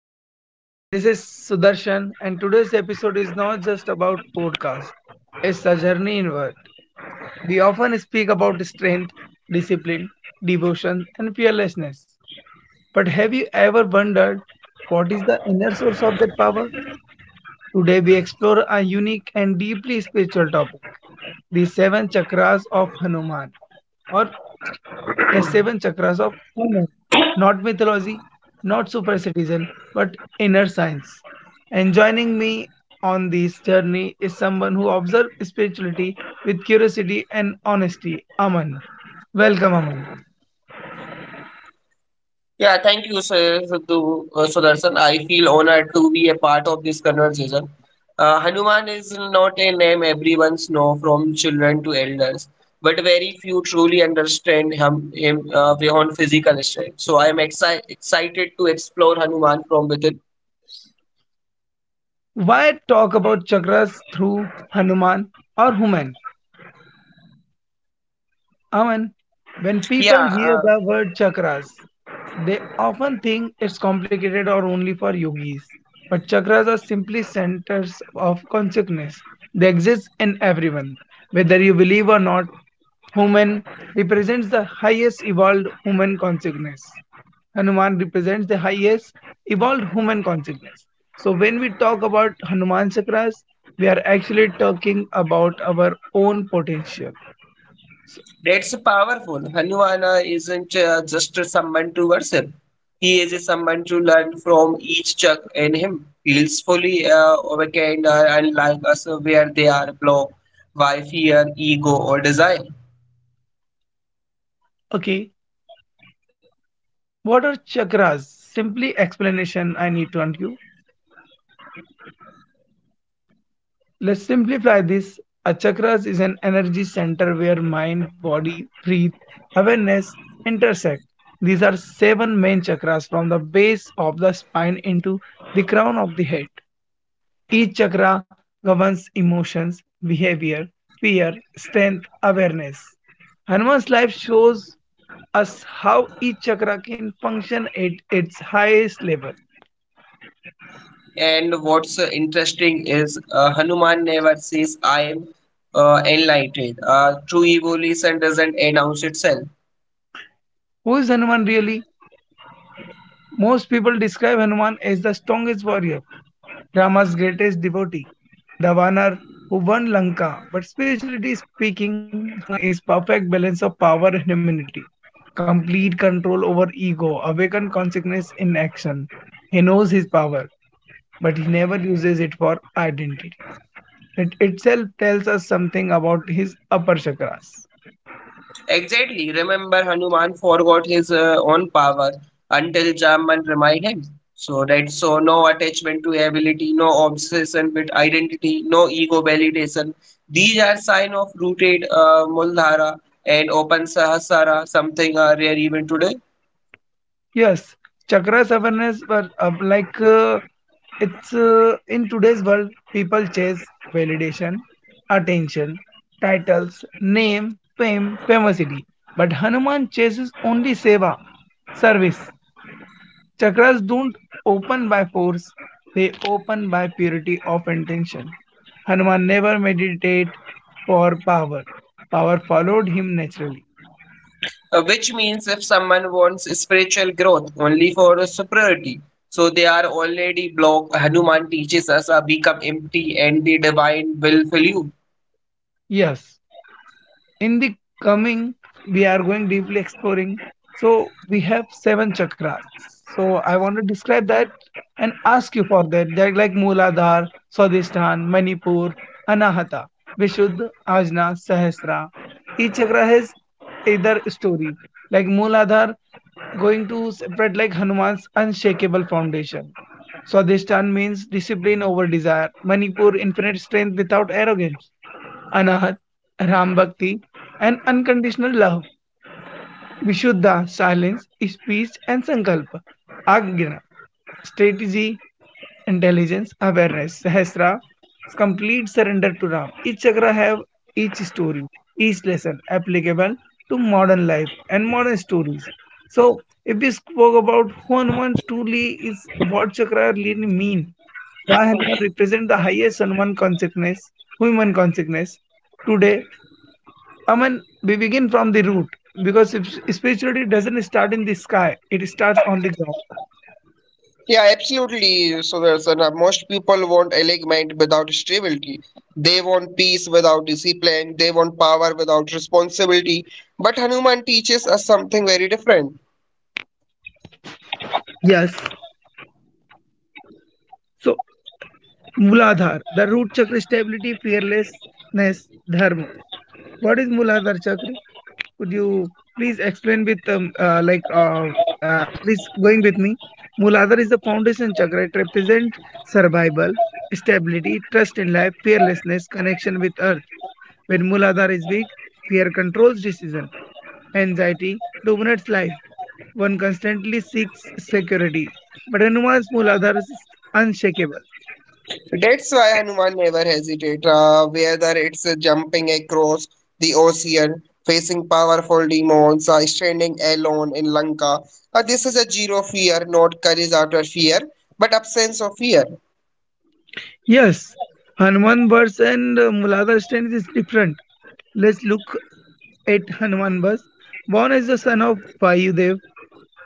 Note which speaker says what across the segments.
Speaker 1: today. This is Sudarshan, and today's episode is not just about podcast. It's a journey inward. We often speak about strength, discipline, devotion, and fearlessness. But have you ever wondered what is the inner source of that power? Today we explore a unique and deeply spiritual topic: the seven chakras of Hanuman, or the seven chakras of Oman. Not mythology, not superstition, but inner science. And joining me on this journey is someone who observes spirituality with curiosity and honesty, Aman. Welcome, Aman.
Speaker 2: Yeah, thank you, sir, Sidhu, Sudarshan. I feel honored to be a part of this conversation. Hanuman is not a name everyone knows, from children to elders, but very few truly understand him beyond physical strength. So I am excited to explore Hanuman from within.
Speaker 1: Why talk about chakras through Hanuman or Human? Aman, when
Speaker 2: Yeah,
Speaker 1: people hear
Speaker 2: uh,
Speaker 1: the word chakras, they often think it's complicated or only for yogis. But chakras are simply centers of consciousness. They exist in everyone. Whether you believe or not, human represents the highest evolved human consciousness. Hanuman represents the highest evolved human consciousness. So when we talk about Hanuman chakras, we are actually talking about our own potential.
Speaker 2: that's powerful. Hanuana isn't just someone to worship. He is someone to learn from each chak in him. Feels fully awakened and like us where they are blocked by fear, ego, or desire.
Speaker 1: Okay. What are chakras? Simply explanation I need to undo. Let's simplify this. A chakras is an energy center where mind, body, breath, awareness intersect. These are seven main chakras from the base of the spine into the crown of the head. Each chakra governs emotions, behavior, fear, strength, awareness. Hanuman's life shows us how each chakra can function at its highest level.
Speaker 2: And what's interesting is Hanuman never says, I am enlightened. True evolution doesn't announce itself.
Speaker 1: Who is Hanuman really? Most people describe Hanuman as the strongest warrior, Rama's greatest devotee, the Vanar who won Lanka. But spiritually speaking, Hanuman is perfect balance of power and humanity, complete control over ego, awakened consciousness in action. He knows his power, but he never uses it for identity. It itself tells us something about his upper chakras.
Speaker 2: Exactly. Remember, Hanuman forgot his own power until Jamban reminded him. So no attachment to ability, no obsession with identity, no ego validation. These are sign of rooted Muldhara and open Sahasrara, something rare even today.
Speaker 1: Yes, chakras awareness were like it's in today's world, people chase validation, attention, titles, name, fame, famosity. But Hanuman chases only seva, service. Chakras don't open by force, they open by purity of intention. Hanuman never meditated for power, power followed him naturally.
Speaker 2: Which means if someone wants spiritual growth only for superiority, so they are already blocked. Hanuman teaches us become empty and the divine will fill you.
Speaker 1: Yes, in the coming, we are going deeply exploring. So we have seven chakras. So I want to describe that and ask you for that. They're like Mooladhar, Swadhisthana, Manipur, Anahata, Vishuddha, Ajna, Sahasra. Each chakra has either story. Like Mooladhar, going to spread like Hanuman's unshakable foundation. Swadhisthana means discipline over desire. Manipur, infinite strength without arrogance. Anahat, Ram Bhakti, and unconditional love. Vishuddha silence is peace and sankalpa, ajna, strategy, intelligence, awareness, sahasra, complete surrender to Ram. Each chakra have each story, each lesson applicable to modern life and modern stories. So, if we spoke about who Hanuman truly is, what chakra really mean, why Hanuman represent the highest Hanuman consciousness, human consciousness today, I mean, we begin from the root because if spirituality doesn't start in the sky, it starts on the ground.
Speaker 2: Yeah, absolutely. Most people want alignment without stability. They want peace without discipline. They want power without responsibility. But Hanuman teaches us something very different.
Speaker 1: Yes. So. Mooladhar, the root chakra stability, fearlessness, dharma. What is Mooladhar chakra? Could you please explain with like please going with me? Mooladhar is the foundation chakra. It represents survival, stability, trust in life, fearlessness, connection with earth. When Mooladhar is weak, fear controls decision, anxiety dominates life. One constantly seeks security, but Hanuman's Mooladhar is unshakable.
Speaker 2: That's why Hanuman never hesitates, whether it's jumping across the ocean, facing powerful demons, standing alone in Lanka. This is a zero fear, not courage out of fear, but absence of fear.
Speaker 1: Yes, Hanuman verse and Muladhar stanza is different. Let's look at Hanuman verse. Born as the son of Vayudev,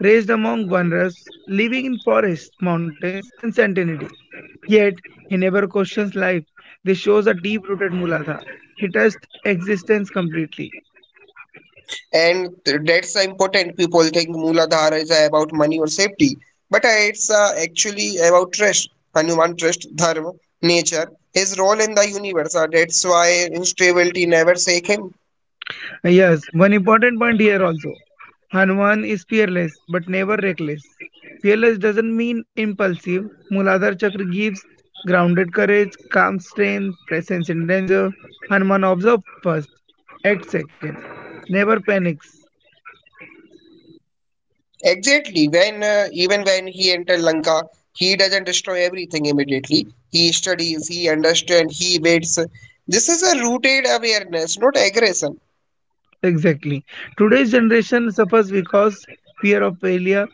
Speaker 1: raised among wanderers, living in forests, mountains, and sanctity. Yet he never questions life. This shows a deep-rooted Muladhar. He trusts existence completely.
Speaker 2: And that's the important people think Mooladhara is about money or safety, but it's actually about trust. Hanuman trust dharma, nature, his role in the universe. That's why instability never shake him.
Speaker 1: Yes, one important point here also. Hanuman is fearless but never reckless. Fearless doesn't mean impulsive. Muladhar Chakra gives grounded courage, calm strength, presence in danger. Hanuman observes first, acts second, never panics.
Speaker 2: Exactly, when even when he entered Lanka, he doesn't destroy everything immediately. He studies, he understands, he waits. This is a rooted awareness, not aggression.
Speaker 1: Exactly. Today's generation suffers because fear of failure,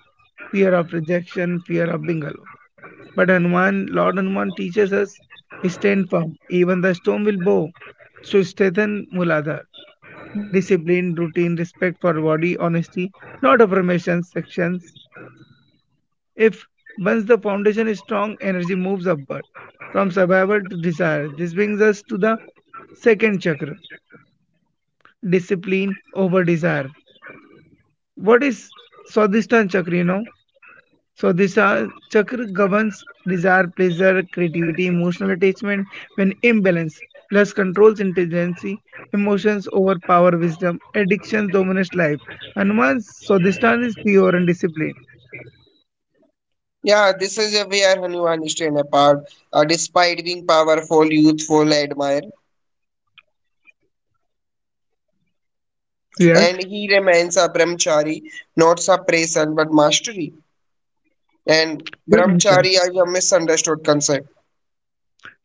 Speaker 1: fear of rejection, fear of being alone. But Hanuman, Lord Hanuman teaches us stand firm, even the storm will bow. So strengthen Muladhar. Discipline, routine, respect for body, honesty, not affirmations, sections. If once the foundation is strong, energy moves upward from survival to desire. This brings us to the second chakra, discipline over desire. What is Swadhisthana chakra? You know, so this chakra governs desire, pleasure, creativity, emotional attachment. When imbalanced, lust controls intelligence, emotions overpower wisdom, addiction dominates life. Hanuman's Swadhisthana is pure and disciplined.
Speaker 2: Yeah, this is where Hanuman stand apart. Despite being powerful, youthful, admired,
Speaker 1: Yes,
Speaker 2: and he remains a brahmachari, not suppression but mastery. And brahmachari
Speaker 1: Brahmachari.
Speaker 2: is a misunderstood concept.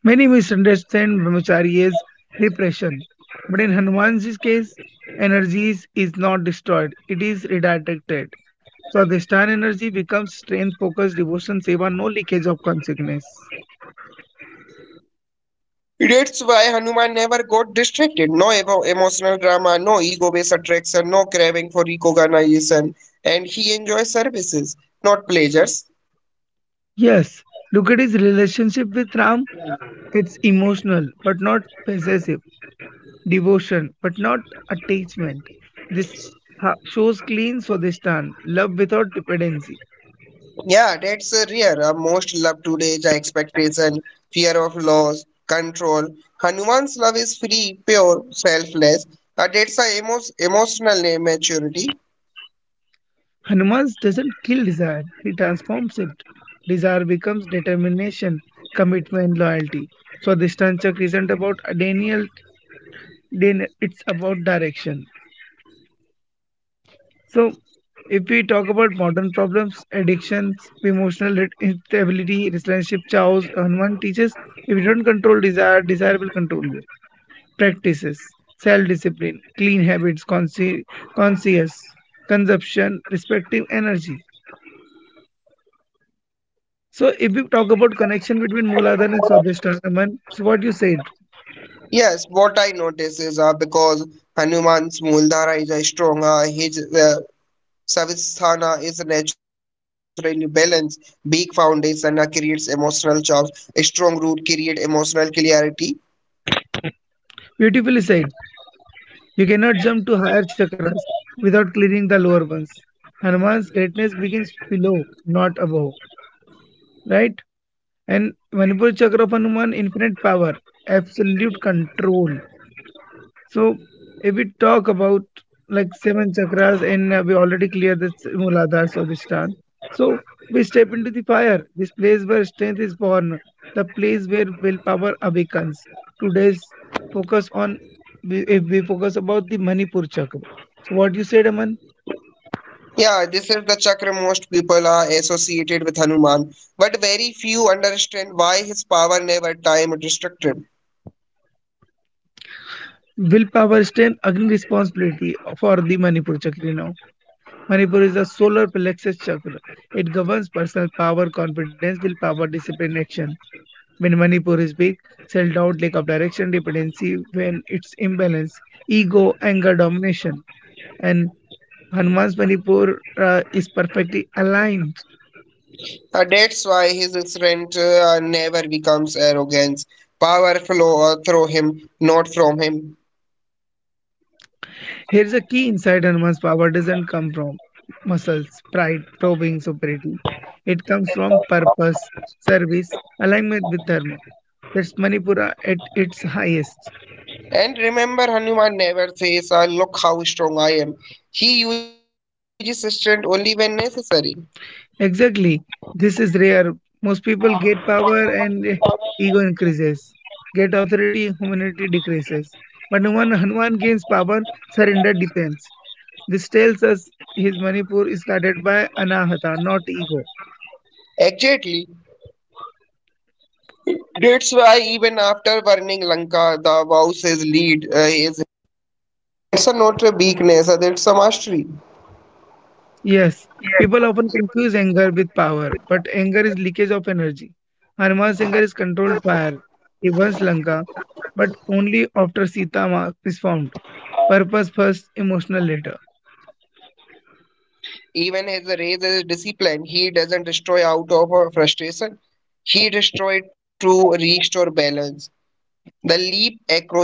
Speaker 1: Many misunderstand Brahmachari as repression, but in Hanuman's case, energy is not destroyed; it is redirected. So, Swadhisthana energy becomes strength, focus, devotion, seva, no leakage of consciousness.
Speaker 2: That's why Hanuman never got distracted. No emotional drama, no ego-based attraction, no craving for recognition, and he enjoys services, not pleasures.
Speaker 1: Yes, look at his relationship with Ram. It's emotional, but not possessive. Devotion, but not attachment. This shows clean Swadhistan, love without dependency.
Speaker 2: Yeah, that's rare. Most love today's expectation, fear of loss, control. Hanuman's love is free, pure, selfless. That's a emotional maturity.
Speaker 1: Hanuman doesn't kill desire, he transforms it. Desire becomes determination, commitment, loyalty. Swadhistan Chakra isn't about denial, it's about direction. So, if we talk about modern problems, addictions, emotional instability, relationship chaos, Hanuman teaches if you don't control desire, desire will control you. Practices, self discipline, clean habits, conscious consumption, respective energy. So, if we talk about connection between Mooladhara and Swadhisthana, Hanuman, so what you said,
Speaker 2: Yes, what I notice is because Hanuman's Muldhara is a strong, his Savisthana is naturally balanced. Big foundation creates emotional charge. A strong root create emotional clarity.
Speaker 1: beautifully said, you cannot jump to higher chakras without clearing the lower ones. Hanuman's greatness begins below, not above, right? And Manipur Chakrapan won infinite power, absolute control. So if we talk about like seven chakras and we already cleared this Muladhara Swadhisthana. So we step into the fire, this place where strength is born, the place where willpower awakens. Today's focus on if we focus about the Manipur Chakra. So what you said, Aman,
Speaker 2: Yeah, this is the chakra most people are associated with Hanuman, but very few understand why his power never time or destructive.
Speaker 1: willpower, strength, agni responsibility for the Manipur Chakra. Now. Manipur is the solar plexus chakra. It governs personal power, confidence, willpower, discipline, action. When Manipur is weak, self doubt, lack of direction, dependency, when it's imbalance, ego, anger, domination. And Hanuman's Manipur is perfectly aligned.
Speaker 2: That's why his strength never becomes arrogance. Power flow through him, not from him.
Speaker 1: Here's a key insight Hanuman's power doesn't come from muscles, pride, probing, superiority. It comes from purpose, service, alignment with dharma. That's Manipura at its highest.
Speaker 2: And remember, Hanuman never says, "Look how strong I am." He uses strength only when necessary.
Speaker 1: Exactly. This is rare. Most people get power and ego increases. Get authority, humanity decreases. But when Hanuman gains power, surrender depends. This tells us his Manipur is guided by anahata, not ego.
Speaker 2: Exactly. That's why even after burning Lanka, the vows his lead.
Speaker 1: Yes, people often confuse anger with power, but anger is leakage of energy. Hanuman's anger is controlled fire. He burns Lanka, but only after Sita is found. Purpose first, emotional later.
Speaker 2: Even as a race is discipline, he doesn't destroy out of frustration. He destroyed to restore balance. The leap across the ocean.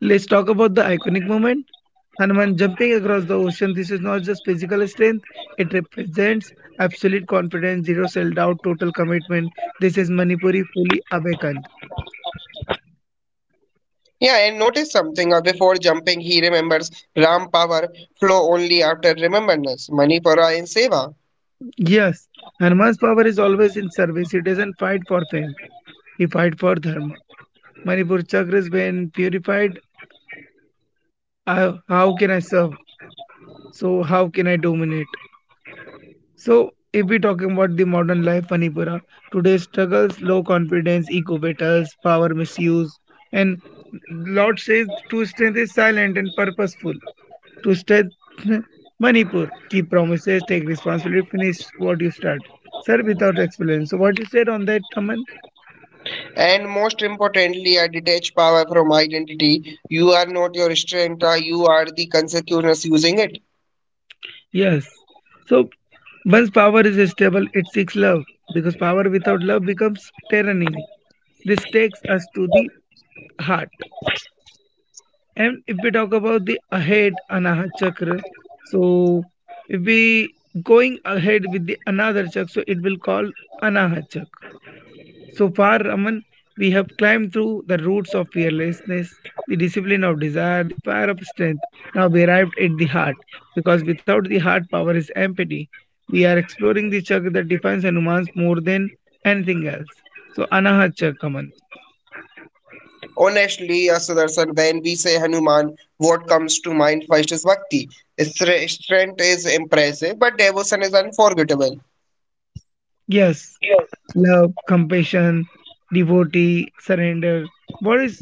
Speaker 1: Let's talk about the iconic moment. Hanuman jumping across the ocean. This is not just physical strength, it represents absolute confidence, zero self doubt, total commitment. This is Manipuri fully awakened.
Speaker 2: Yeah, and notice something. Before jumping, he remembers Ram. Power flow only after remembrance, Manipura and Seva.
Speaker 1: Yes, Hanuman's power is always in service. He doesn't fight for fame, he fights for dharma. Manipur chakras when purified. I, how can I serve? So, how can I dominate? So, if we talking about the modern life, Manipura, today's struggles, low confidence, ego battles, power misuse, and Lord says true strength is silent and purposeful. To strength, Manipur, keep promises, take responsibility, finish what you start. Sir, without explanation. So, what you said on that, Taman?
Speaker 2: And most importantly, a detached power from identity. You are not your strength, you are the consequences using it.
Speaker 1: Yes. So, once power is stable, it seeks love because power without love becomes tyranny. This takes us to the heart. And if we talk about the ahead Anahat chakra, so if we going ahead with the another chakra, so it will call Anahat chakra. So far, Raman, we have climbed through the roots of fearlessness, the discipline of desire, the fire of strength. Now we arrived at the heart, because without the heart, power is empty. We are exploring the chakra that defines Hanuman's more than anything else. So Anahat chakra, Raman.
Speaker 2: Honestly, a Sudarshan, when we say Hanuman, what comes to mind first is bhakti. Strength is impressive, but devotion is unforgettable.
Speaker 1: Yes. Love, compassion, devotee, surrender. What is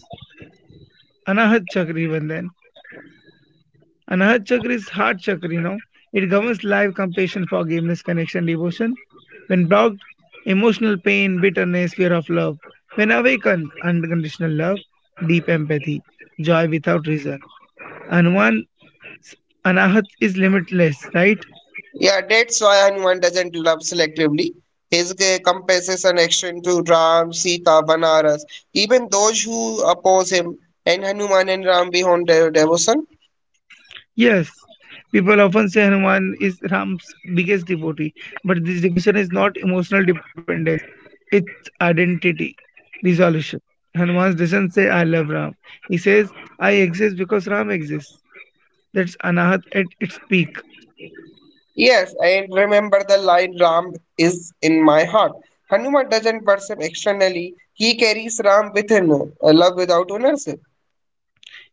Speaker 1: Anahat chakra, even then? Anahat chakra is heart chakra, you know. It governs life, compassion, forgiveness, connection, devotion. When blocked, emotional pain, bitterness, fear of love. When awakened, unconditional love, deep empathy, joy without reason. And one Anahat is limitless, right?
Speaker 2: Yeah, that's why Hanuman doesn't love selectively. His compasses an action to Ram, Sita, Banaras, even those who oppose him, and Hanuman and Ram behold their devotion.
Speaker 1: Yes, people often say Hanuman is Ram's biggest devotee, but this devotion is not emotional dependence, it's identity, resolution. Hanuman doesn't say, I love Ram. He says, I exist because Ram exists. That's anahat at its peak.
Speaker 2: Yes, and remember the line Ram is in my heart. Hanuman doesn't worship externally, he carries Ram within, a love without ownership.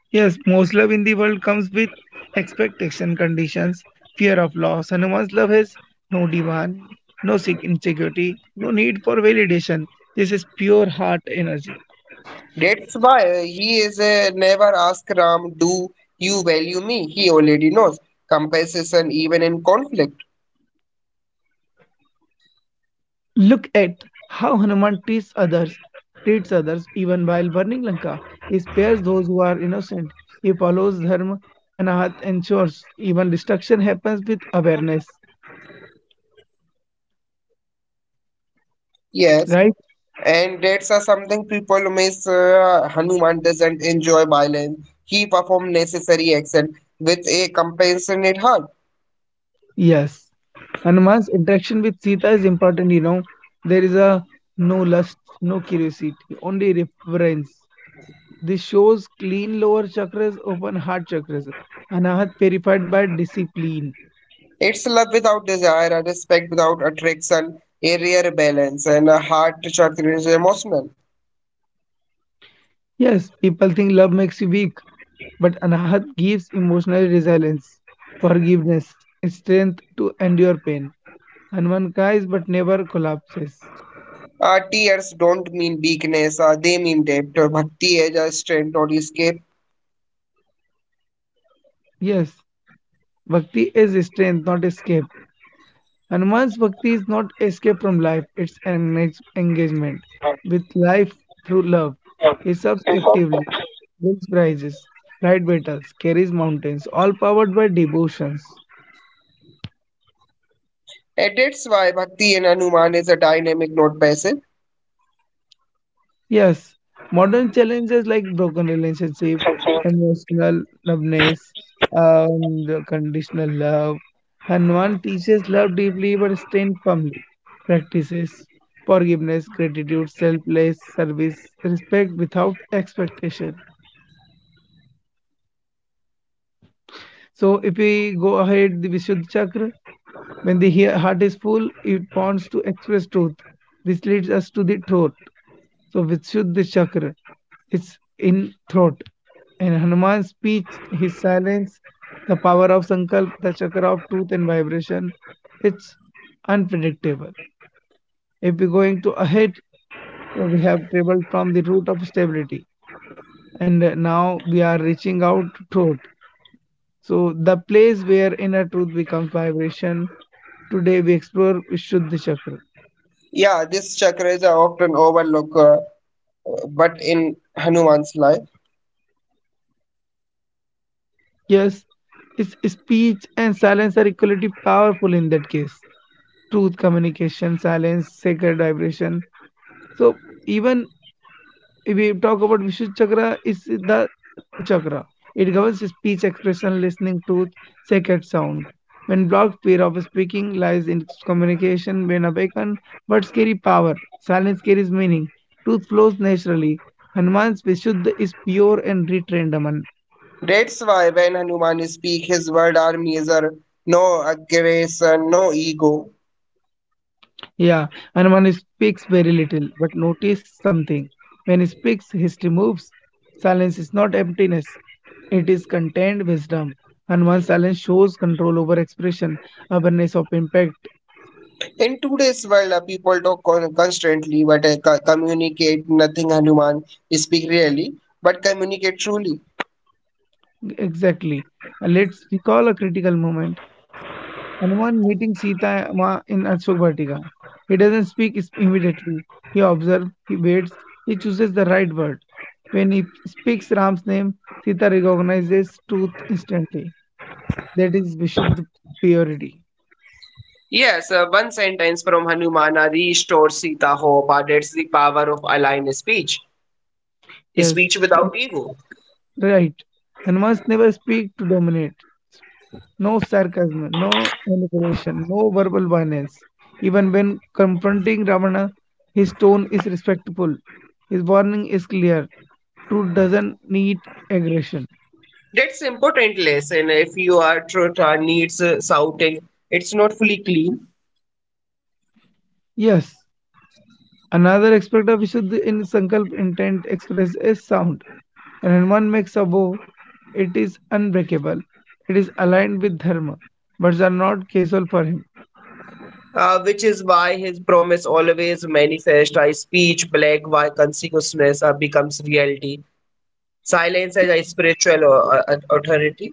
Speaker 1: Yes, most love in the world comes with expectation conditions, fear of loss. Hanuman's love has no demand, no insecurity, no need for validation. This is pure heart energy.
Speaker 2: That's why he is never ask Ram, do you value me? He already knows. Compensation even in conflict.
Speaker 1: Look at how Hanuman treats others even while burning Lanka. He spares those who are innocent. He follows dharma, anahat ensures even destruction happens with awareness.
Speaker 2: Yes.
Speaker 1: Right?
Speaker 2: And that's something people miss. Hanuman doesn't enjoy violence. He perform necessary action with a compassionate heart.
Speaker 1: Yes. Hanuman's interaction with Sita is important, you know. There is a no lust, no curiosity, only reverence. This shows clean lower chakras, open heart chakras. Anahat purified by discipline.
Speaker 2: It's love without desire, a respect without attraction, a rare balance, and a heart chakra is emotional.
Speaker 1: Yes, people think love makes you weak, but Anahat gives emotional resilience, forgiveness, strength to endure pain. And one cries but never collapses.
Speaker 2: Tears don't mean weakness, they mean depth. Bhakti is a strength, not escape.
Speaker 1: Yes, Bhakti is strength, not escape. And one's Bhakti is not escape from life, it's an engagement with life through love. He serves actively, wins prizes, fight battles, carries mountains, all powered by devotions.
Speaker 2: And that's why bhakti and Hanuman is a dynamic, not passive.
Speaker 1: Yes, modern challenges like broken relationship,
Speaker 2: Okay.
Speaker 1: emotional numbness, and the conditional love. Hanuman teaches love deeply but staying firmly. Practices forgiveness, gratitude, selfless service, respect without expectation. So, if we go ahead, the Vishuddha Chakra, when the heart is full, it wants to express truth. This leads us to the truth. So Vishuddha Chakra is in throat. In Hanuman's speech, his silence, the power of Sankalp, the chakra of truth and vibration, it's unpredictable. If we're going to ahead, so we have traveled from the root of stability and now we are reaching out to throat. So the place where inner truth becomes vibration, today we explore Vishuddha Chakra.
Speaker 2: Yeah, this chakras is often overlooked, but in Hanuman's life.
Speaker 1: Yes, its speech and silence are equally powerful in that case. Truth, communication, silence, sacred vibration. So even if we talk about Vishuddha chakra, is the throat chakra. It governs speech, expression, listening, truth, sacred sound. When blocked, fear of speaking lies in communication. When awakened, words carry power. Silence carries meaning. Truth flows naturally. Hanuman's Vishuddha is pure and retrained Aman.
Speaker 2: That's why when Hanuman speaks, his word army is a no aggression, no ego.
Speaker 1: Yeah, and one speaks very little, but notice something. When he speaks, history moves. Silence is not emptiness, it is contained wisdom. And one silence shows control over expression, awareness of impact.
Speaker 2: In today's world, people talk constantly, but communicate nothing. Hanuman speak really, but communicate truly.
Speaker 1: Exactly. Let's recall a critical moment. Hanuman meeting Sita Ma in Ashok Vatika. He doesn't speak immediately. He observes, he waits, he chooses the right word. When he speaks Ram's name, Sita recognizes truth instantly. That is Vishuddha purity.
Speaker 2: Yes, one sentence from Hanumana restores Sita hope. That's the power of aligned speech.
Speaker 1: Yes,
Speaker 2: Speech
Speaker 1: and
Speaker 2: without ego.
Speaker 1: right. And must never speak to dominate. No sarcasm, no manipulation, no verbal violence. Even when confronting Ravana, his tone is respectful. His warning is clear. Truth doesn't need aggression.
Speaker 2: That's important lesson. If you are truth needs shouting, it's not fully clean.
Speaker 1: Yes, another aspect of Visuddhi in Sankalp intent expressed is sound. When one makes a vow, it is unbreakable. It is aligned with Dharma. Words are not casual for him.
Speaker 2: Which is why his promise always manifest by speech black why consciousness becomes reality. Silence as a spiritual authority.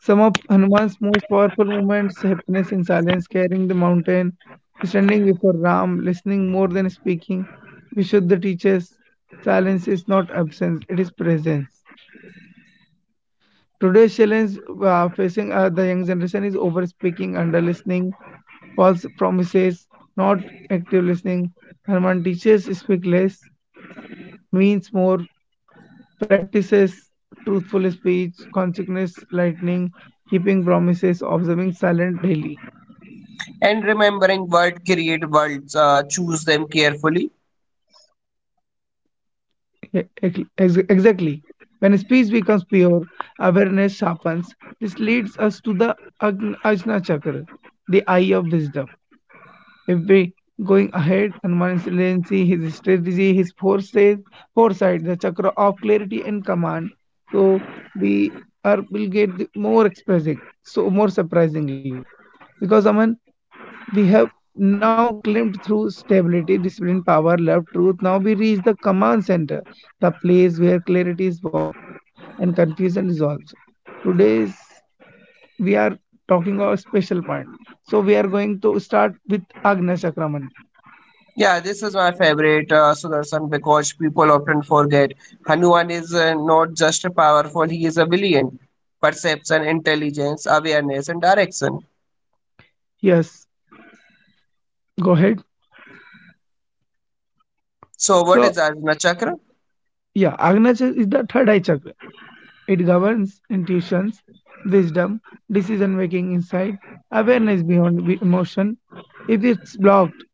Speaker 1: Some of Hanuman's most powerful moments, happiness in silence, carrying the mountain, standing before Ram, listening more than speaking, Vishuddha teaches silence is not absence, it is presence. Today's challenge facing the young generation is over speaking, under listening, false promises, not active listening. Herman teaches speak less, means more, practices truthful speech, consciousness lightning, keeping promises, observing silent daily.
Speaker 2: And remembering word create worlds, choose them carefully.
Speaker 1: E- ex- Exactly. When speech becomes pure, awareness sharpens. This leads us to the Ajna Chakra, the eye of wisdom. Every going ahead, Hanuman's resiliency, his strategy, his foresight, foresight, the chakra of clarity and command. So we are will get the more expressing, so more surprisingly, because Aman, we have now climbed through stability, discipline, power, love, truth. Now we reach the command center, the place where clarity is born and confusion dissolves. Today's we are talking about special point. So we are going to start with Agna Chakraman.
Speaker 2: Yeah, this is my favorite, Sudarshan, because people often forget Hanuman is not just powerful, he is a brilliant. Perception, intelligence, awareness, and direction.
Speaker 1: Yes. Go ahead.
Speaker 2: So, what is
Speaker 1: So,
Speaker 2: Arjuna Chakra?
Speaker 1: yeah, Agnacha is the third eye chakra. It governs intuitions, wisdom, decision making inside, awareness beyond emotion. If it's blocked,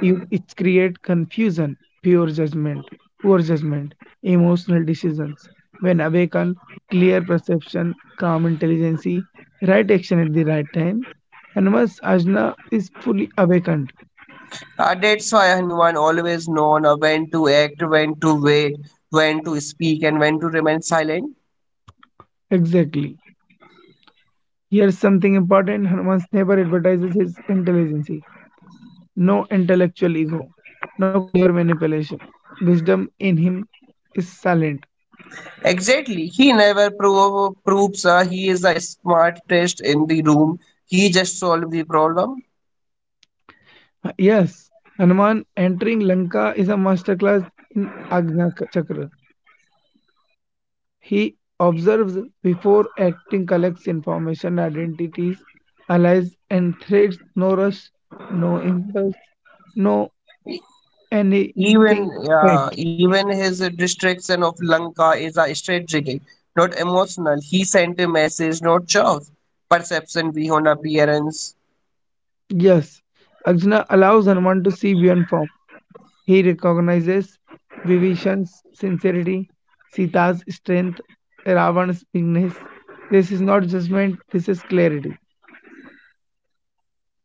Speaker 1: you it creates confusion, pure judgment, poor judgment, emotional decisions. When awakened, clear perception, calm intelligence, right action at the right time. Hanuman's ajna is fully awakened.
Speaker 2: That's why Hanuman always known when to act, when to wait, when to speak, and when to remain silent.
Speaker 1: Exactly. Here's something important Hanuman never advertises his intelligence. No intellectual ego, no clever manipulation. Wisdom in him is silent.
Speaker 2: Exactly, he never prove, proves he is the smartest in the room, he just solves the problem.
Speaker 1: Yes, Hanuman entering Lanka is a masterclass in Chakra. He observes before acting, collects information, identities, allies, and threats. No rush, no impulse, no anything.
Speaker 2: Even
Speaker 1: Right.
Speaker 2: uh, even his destruction of Lanka is a strategic, not emotional. He sent a message, not chaos. Perception beyond appearance.
Speaker 1: Yes, Ajna allows Hanuman to see beyond form. He recognizes Vibhishan's sincerity, Sita's strength, Ravan's weakness. This is not judgment, this is clarity.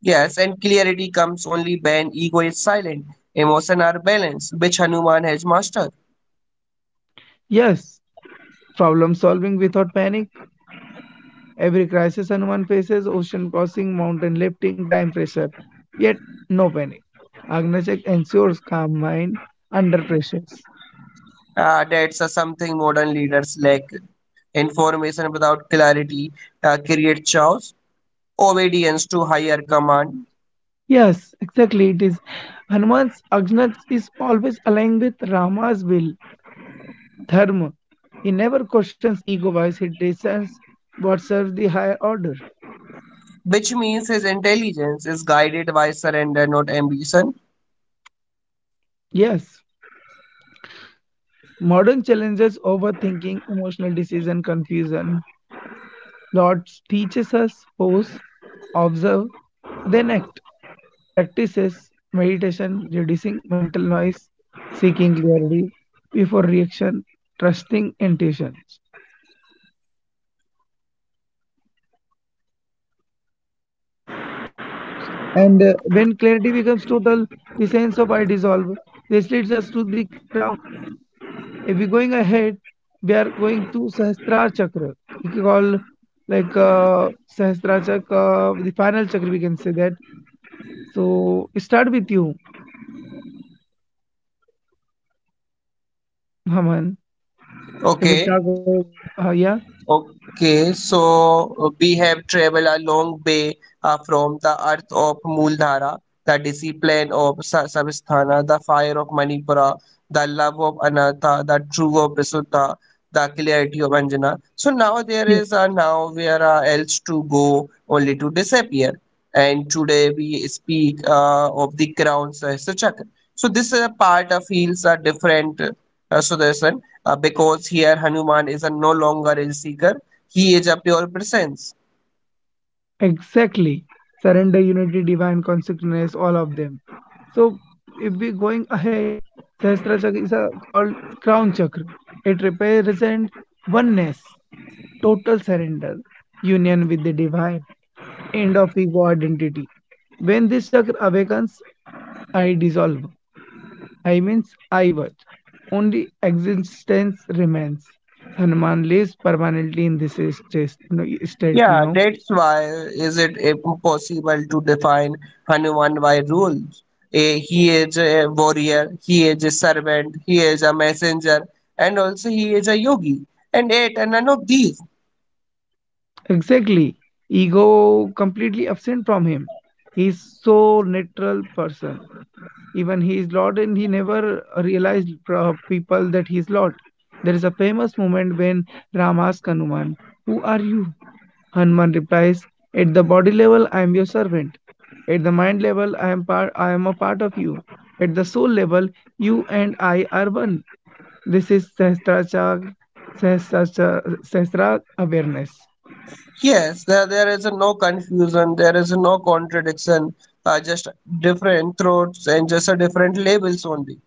Speaker 2: Yes, and clarity comes only when ego is silent, emotion are balanced, which Hanuman has mastered.
Speaker 1: Yes, problem solving without panic. Every crisis Hanuman faces, ocean crossing, mountain lifting, time pressure. Yet, no panic. Agnachak ensures calm mind under pressures.
Speaker 2: That's something modern leaders lack. Information without clarity creates chaos, obedience to higher command,
Speaker 1: Yes, exactly. It is Hanuman's Agnat is always aligned with Rama's will. Dharma. He never questions ego wise, he discerns what serves the higher order.
Speaker 2: which means his intelligence is guided by surrender, not ambition.
Speaker 1: Yes, modern challenges overthinking, emotional decision, confusion. Lord teaches us pause, observe, then act. Practices meditation, reducing mental noise, seeking clarity before reaction, trusting intuitions. And when clarity becomes total, the sense of I dissolve. This leads us to the crown if we're going ahead, we are going to Sahasrara Chakra. We can call like Sahasrara Chakra, the final chakra, we can say that. So start with you, Haman. If we
Speaker 2: Okay.
Speaker 1: talk about, yeah,
Speaker 2: Okay, so we have traveled a long way from the earth of Mooldhara, the discipline of Sabisthana, the fire of Manipura, the love of Anatha, the true of Visuddha, the clarity of Anjana. So now there
Speaker 1: yeah,
Speaker 2: is now where else to go, only to disappear. And today we speak of the crown Sahasra Chakra. So this part feels different, Sudarshan, because here Hanuman is a no longer a seeker, he is a pure presence.
Speaker 1: exactly. Surrender, unity, divine consciousness, all of them. So if we're going ahead, Sahasrara Chakra is called crown chakra. It represents oneness, total surrender, union with the divine end of ego identity. When this chakra awakens, I dissolve. I means I was. Only existence remains. Hanuman lives permanently in this state,
Speaker 2: Yeah, that's why is it impossible to define Hanuman by rules. Eh, he is a warrior, he is a servant, he is a messenger, and also he is a yogi. And yet, and none of these.
Speaker 1: Exactly. Ego completely absent from him. He is so natural person. Even he is Lord and he never realized people that he is Lord. There is a famous moment when Ram asks Hanuman, "Who are you?" Hanuman replies, "At the body level, I am your servant. At the mind level, I am a part of you. At the soul level, you and I are one." This is Sahasrachar, Sahasrachar, Sahasra awareness.
Speaker 2: Yes, there is no confusion, there is no contradiction, just different throats and just a different labels only.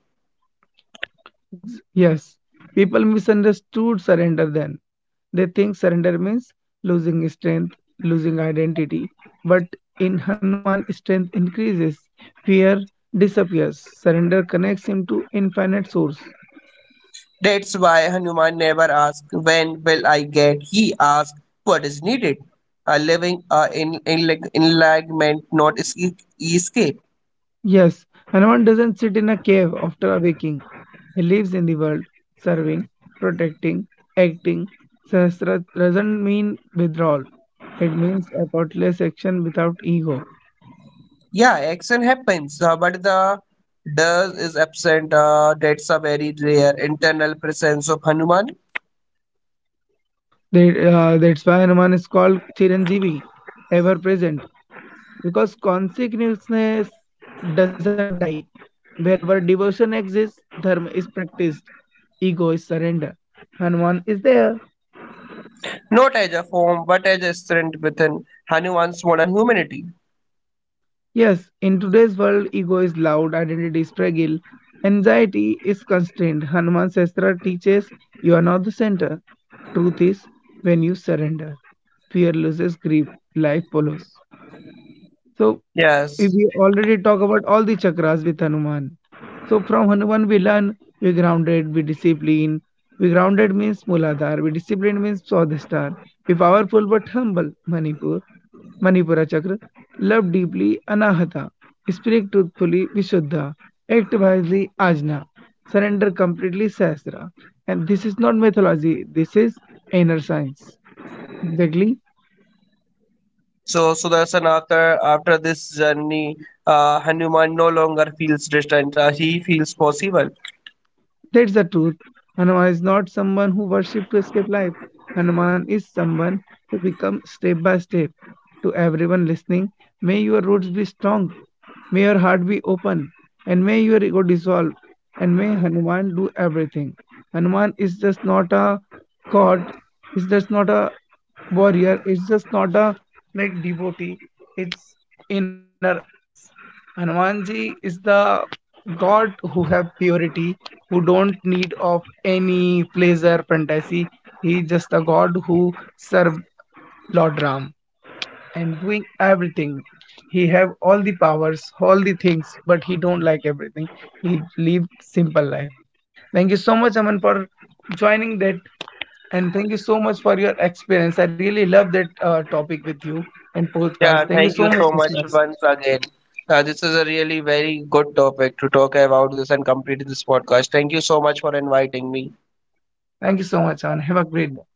Speaker 1: Yes, people misunderstood surrender then. They think surrender means losing strength, losing identity. But in Hanuman, strength increases, fear disappears, surrender connects him to infinite source.
Speaker 2: That's why Hanuman never asked, When will I get? He asked, What is needed? A living in enlightenment, not escape.
Speaker 1: Yes, Hanuman doesn't sit in a cave after awaking. He lives in the world, serving, protecting, acting. Sahasra doesn't mean withdrawal. It means effortless action without ego.
Speaker 2: Yeah, action happens, but the does is absent. That's a very rare internal presence of Hanuman.
Speaker 1: That's why Hanuman is called Chiranjeevi, ever present, because consciousness doesn't die. Wherever devotion exists, dharma is practiced, ego is surrender. Hanuman is there.
Speaker 2: Not as a form, but as a strength within Hanuman's modern humanity.
Speaker 1: Yes, in today's world, ego is loud, identity struggle, anxiety is constrained. Hanuman Sastra teaches you are not the center. Truth is, when you surrender, fear loses grip, life follows. So, if
Speaker 2: Yes.
Speaker 1: we already talk about all the chakras with Hanuman. So, from Hanuman, we learn we grounded, we discipline. We grounded means Muladhar, we disciplined means Swadhisthana. We powerful but humble, Manipur. Manipura chakra love deeply Anahata speak truthfully Vishuddha act wisely ajna surrender completely sasra and this is not mythology this is inner science exactly.
Speaker 2: So Sudarshan, after this journey, Hanuman no longer feels distant. He feels possible.
Speaker 1: That's the truth. Hanuman is not someone who worship to escape life. Hanuman is someone who become step by step to everyone listening. May your roots be strong, may your heart be open, and may your ego dissolve, and may Hanuman do everything. Hanuman is just not a god, is just not a warrior, is just not a like devotee, it's inner us. Hanumanji is the god who have purity, who don't need of any pleasure, fantasy. He is just a god who serve Lord Ram and doing everything. He have all the powers all the things but he don't like everything. He live simple life. Thank you so much Aman for joining that, and thank you so much for your experience. I really love that topic with you and podcast.
Speaker 2: Yeah,
Speaker 1: Thank you
Speaker 2: thank you
Speaker 1: so
Speaker 2: so
Speaker 1: much
Speaker 2: much
Speaker 1: listeners.
Speaker 2: once again. This is a really very good topic to talk about this and complete this podcast. Thank you so much for inviting me.
Speaker 1: Thank you so much Aman, have a great day.